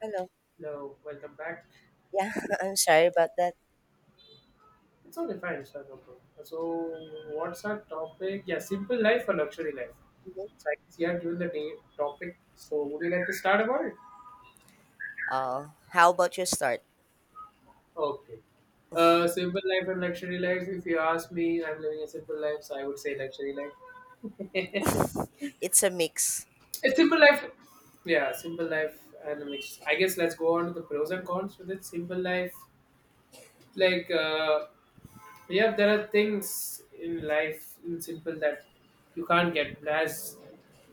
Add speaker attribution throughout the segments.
Speaker 1: Hello.
Speaker 2: Hello, welcome back.
Speaker 1: Yeah, I'm sorry about that.
Speaker 2: It's only fine, sir. No problem. So, what's our topic? Yeah, simple life or luxury life?
Speaker 1: Mhm.
Speaker 2: So, I guess you have given the day topic. So, would you like to start about it?
Speaker 1: How about you start?
Speaker 2: Okay. Simple life and luxury life. If you ask me, I'm living a simple life, so I would say luxury life.
Speaker 1: It's a mix
Speaker 2: It's simple life. Yeah, simple life and a mix. I guess let's go on to the pros and cons with it. Simple life, like uh, yeah, there are things in life in simple that you can't get. As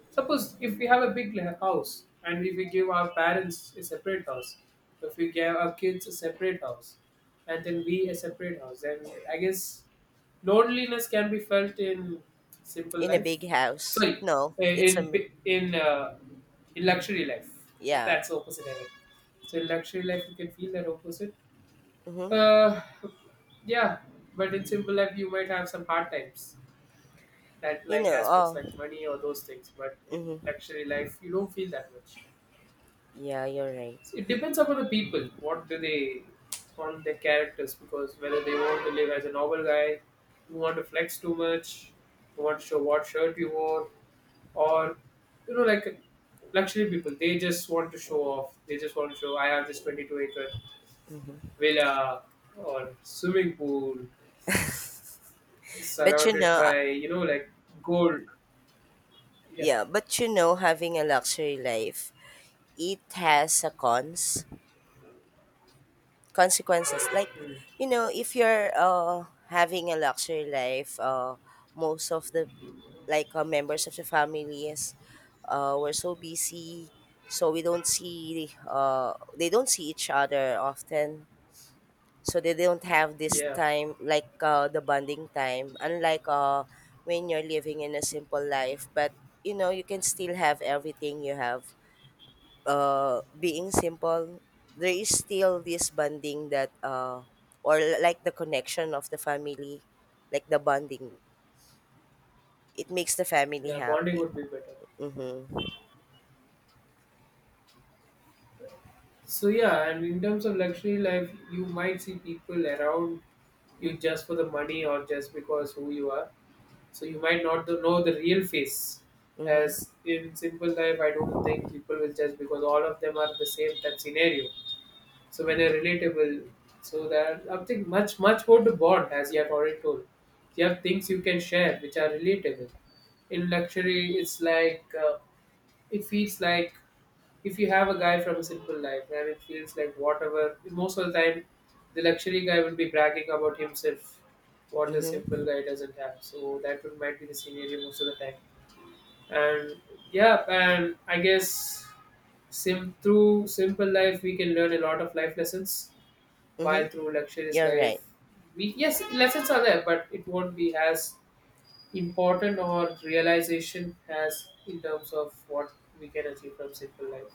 Speaker 2: suppose if we have a house, and if we give our parents a separate house, if we give our kids a separate house, and then we a separate house, then I guess loneliness can be felt in simple
Speaker 1: in a
Speaker 2: life.
Speaker 1: big house.
Speaker 2: Sorry,
Speaker 1: No,
Speaker 2: eh,
Speaker 1: it's a
Speaker 2: in in uh, in luxury life. If
Speaker 1: yeah.
Speaker 2: that's the opposite, I mean. So in luxury life, you can feel that opposite.
Speaker 1: Mm-hmm.
Speaker 2: Uh, yeah, but in simple life, you might have some hard times that
Speaker 1: You
Speaker 2: like
Speaker 1: know.
Speaker 2: aspects
Speaker 1: Oh.
Speaker 2: like money or those things, but in
Speaker 1: Mm-hmm.
Speaker 2: luxury life you don't feel that much.
Speaker 1: Yeah, you're right.
Speaker 2: So it depends upon the people, what do they want, their characters, because whether they want to live as a normal guy who want to flex too much, who want to show what shirt you wore, or you know like luxury people, they just want to show off, they just want to show I have this 22-acre villa or swimming pool
Speaker 1: But you
Speaker 2: surrounded
Speaker 1: know,
Speaker 2: by gold. Yeah.
Speaker 1: yeah, but you know, having a luxury life, it has a cons. Consequences like
Speaker 2: Mm.
Speaker 1: if you're having a luxury life, most of the members of the families we're so busy so we don't see they don't see each other often, so they don't have this
Speaker 2: yeah
Speaker 1: time like the bonding time unlike when you're living in a simple life. But you know, you can still have everything you have, being simple, there is still this bonding that, or like the connection of the family, like the bonding, it makes the family
Speaker 2: yeah, bonding
Speaker 1: happy.
Speaker 2: would be better.
Speaker 1: Mm-hmm.
Speaker 2: So yeah, and in terms of luxury life, you might see people around you just for the money or just because who you are, so you might not to know the real face.
Speaker 1: Mm-hmm.
Speaker 2: As in simple life, I don't think people will judge because all of them are the same, that scenario. So when you're relatable, so there are nothing much more to bond, as you have already told. You have things you can share which are relatable. In luxury, it's it feels like if you have a guy from a simple life, and it feels like whatever, most of the time, the luxury guy will be bragging about himself, what a simple
Speaker 1: Mm-hmm.
Speaker 2: guy doesn't have. So that would, might be the scenario most of the time. And yeah, and I guess sim through simple life we can learn a lot of life lessons.
Speaker 1: Mm-hmm.
Speaker 2: While through luxurious
Speaker 1: You're
Speaker 2: life,
Speaker 1: right.
Speaker 2: we, yes, lessons are there, but it won't be as important or realization has in terms of what we can achieve from simple life.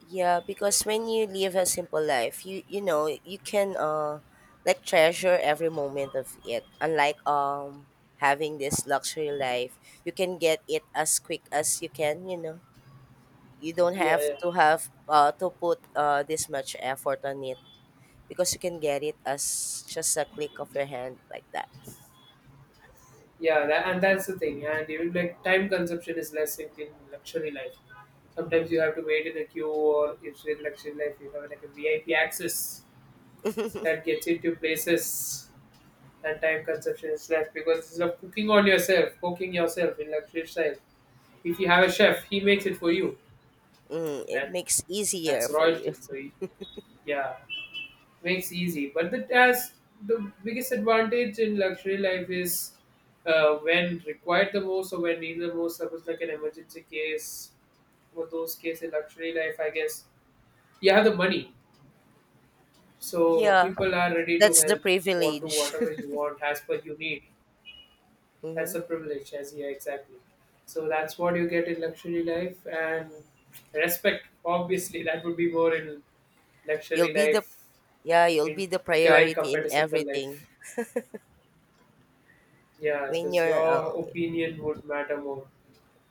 Speaker 1: Yeah, because when you live a simple life, you know you can like treasure every moment of it. Unlike having this luxury life, you can get it as quick as you can. You know. You don't
Speaker 2: Yeah, yeah,
Speaker 1: have to put this much effort on it, because you can get it as just a click of your hand like that.
Speaker 2: yeah, that, and that's the thing. And even like time consumption is less in luxury life. Sometimes
Speaker 1: Mm-hmm.
Speaker 2: you have to wait in a queue, or if in luxury life you have like a VIP access that gets into places, and time consumption is less because it's of cooking on yourself, cooking yourself in luxury style. If you have a chef, he makes it for you.
Speaker 1: Mm, it
Speaker 2: Then
Speaker 1: makes easier
Speaker 2: that's
Speaker 1: for you.
Speaker 2: royalty. So yeah, makes easy. But the task, the biggest advantage in luxury life is, when required the most or when needed the most. Suppose like an emergency case or those cases in luxury life, I guess you have the money, so
Speaker 1: Yeah,
Speaker 2: people are ready to
Speaker 1: that's the
Speaker 2: help or do
Speaker 1: privilege.
Speaker 2: whatever you want as per you need. That's
Speaker 1: hmm
Speaker 2: a privilege, as, yeah, exactly. So that's what you get in luxury life, and respect. Obviously, that would be more in
Speaker 1: You'll
Speaker 2: luxury
Speaker 1: be the
Speaker 2: life
Speaker 1: yeah, you'll
Speaker 2: in
Speaker 1: be the
Speaker 2: when
Speaker 1: priority
Speaker 2: compared
Speaker 1: in
Speaker 2: to simple
Speaker 1: everything
Speaker 2: life. Yeah,
Speaker 1: when
Speaker 2: because
Speaker 1: you're
Speaker 2: your opinion would matter more.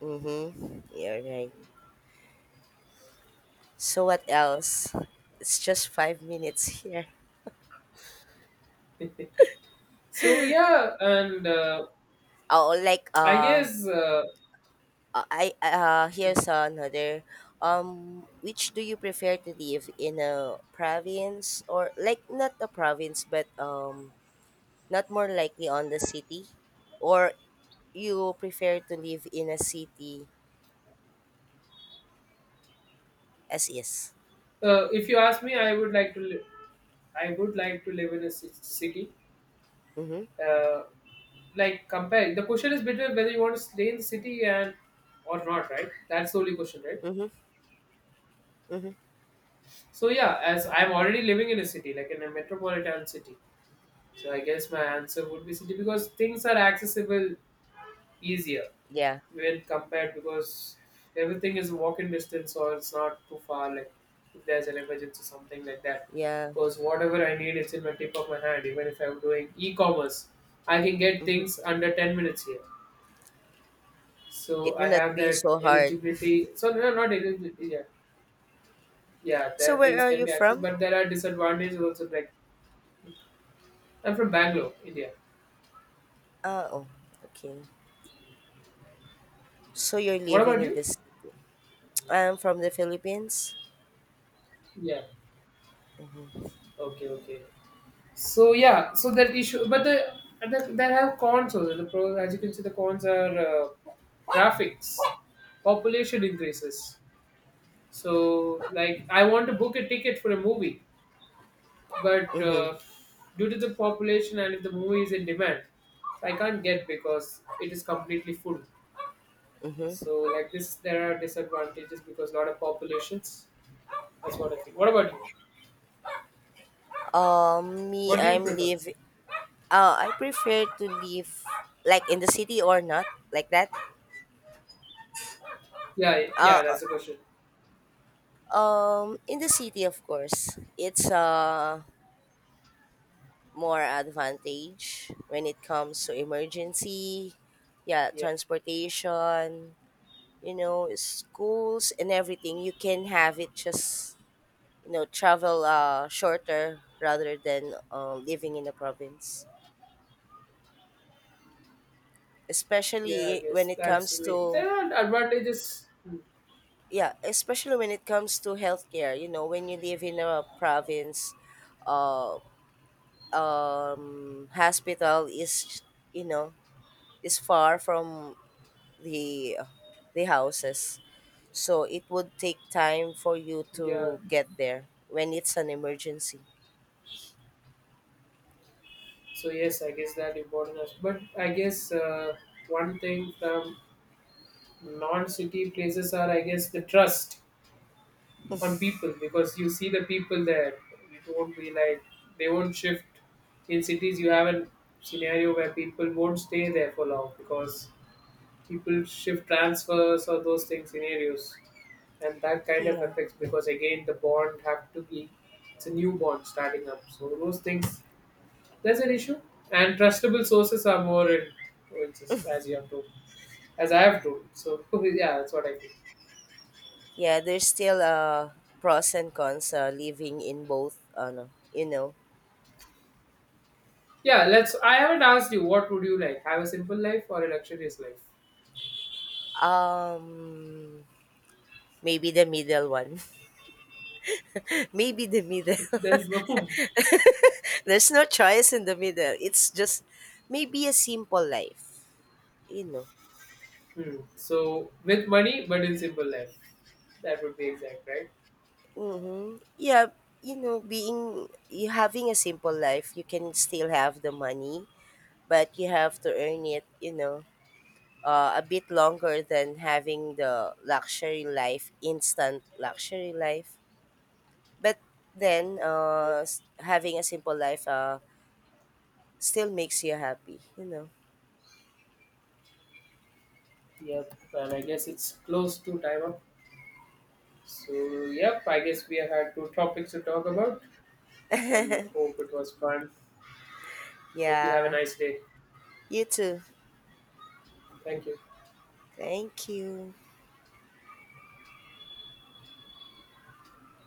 Speaker 1: mm-hmm. You're right. So what else? It's just 5 minutes here.
Speaker 2: So yeah, and
Speaker 1: Oh, like
Speaker 2: I guess
Speaker 1: I Here's another. Which do you prefer, to live in a province, or like not a province, but not more likely on the city, or you prefer to live in a city as is?
Speaker 2: if you ask me, I would like to. I would like to live in a city.
Speaker 1: Mm-hmm.
Speaker 2: Uh, like comparing, the question is between whether you want to stay in the city and or not, right? That's the only question, right?
Speaker 1: Mm-hmm. Mm-hmm.
Speaker 2: So yeah, as I'm already living in a city, like in a metropolitan city, so I guess my answer would be city because things are accessible easier
Speaker 1: Yeah.
Speaker 2: when compared, because everything is walking distance or it's not too far, like if there's an emergency something like that,
Speaker 1: Yeah.
Speaker 2: because whatever I need, it's in my tip of my hand. Even if I'm doing e-commerce, I can get
Speaker 1: Mm-hmm.
Speaker 2: things under 10 minutes here. So
Speaker 1: It will
Speaker 2: I
Speaker 1: not
Speaker 2: have
Speaker 1: be
Speaker 2: that
Speaker 1: so hard.
Speaker 2: eligibility. So no, no, not eligibility, yeah. Yeah,
Speaker 1: So
Speaker 2: there
Speaker 1: where
Speaker 2: things
Speaker 1: are
Speaker 2: can
Speaker 1: you
Speaker 2: be accessed,
Speaker 1: from?
Speaker 2: but there are disadvantages also, like I'm from Bangalore, India.
Speaker 1: Oh, okay. So you're
Speaker 2: What
Speaker 1: living
Speaker 2: about
Speaker 1: in
Speaker 2: you?
Speaker 1: the city. I'm from the Philippines.
Speaker 2: Yeah, okay, okay. So yeah, so that issue, but the there have cons also. The pros, as you can see, the cons are, traffics, population increases. So like, I want to book a ticket for a movie, but
Speaker 1: Mm-hmm.
Speaker 2: due to the population and if the movie is in demand, I can't get because it is completely full. So like this, there are disadvantages because a lot of populations. That's what I think. What about you?
Speaker 1: Me,
Speaker 2: What do you
Speaker 1: I'm
Speaker 2: prefer?
Speaker 1: live. I prefer to live like in the city or not like that.
Speaker 2: Yeah, yeah,
Speaker 1: Uh,
Speaker 2: that's the question.
Speaker 1: in the city, of course, it's more advantage when it comes to emergency, yeah,
Speaker 2: Yeah.
Speaker 1: transportation, you know, schools and everything. You can have it just you know travel shorter rather than living in the province,
Speaker 2: Yeah, I
Speaker 1: especially when
Speaker 2: guess
Speaker 1: it
Speaker 2: that's
Speaker 1: comes
Speaker 2: me,
Speaker 1: to
Speaker 2: there are advantages.
Speaker 1: yeah, especially when it comes to healthcare. You know, when you live in a province, uh hospital is, you know, is far from the the houses, so it would take time for you
Speaker 2: Yeah.
Speaker 1: to get there when it's an emergency.
Speaker 2: So yes, I guess that important. But I guess, one thing from non-city places are, I guess, the trust on people, because you see the people there. It won't be like they won't shift. In cities, you have a scenario where people won't stay there for long because people shift transfers or those things scenarios, and that kind of
Speaker 1: Yeah,
Speaker 2: affects because again the bond have to be, it's a new bond starting up, so those things, that's an issue. And trustable sources are more in influences, as you have told, as I have told. So yeah, that's what I feel.
Speaker 1: yeah, there's still pros and cons living in both ano, you know.
Speaker 2: Yeah, let's, I haven't asked you, what would you like, have a simple life or a luxurious life?
Speaker 1: um Maybe the middle one. Maybe the middle.
Speaker 2: There's no.
Speaker 1: There's no choice in the middle. It's just maybe a simple life, you know.
Speaker 2: Hmm. So with money but in simple life, that would be exact, right?
Speaker 1: Mm-hmm. Yeah, you know, being you having a simple life, you can still have the money, but you have to earn it, you know, a bit longer than having the luxury life, instant luxury life. But then,
Speaker 2: Yeah.
Speaker 1: having a simple life, still makes you happy, you know.
Speaker 2: Yep, and I guess it's close to time up. So, yep, I guess we had two topics to talk about and hope it was fun. Hope you have a
Speaker 1: Yeah,
Speaker 2: nice day.
Speaker 1: you too.
Speaker 2: Thank you.
Speaker 1: Thank you.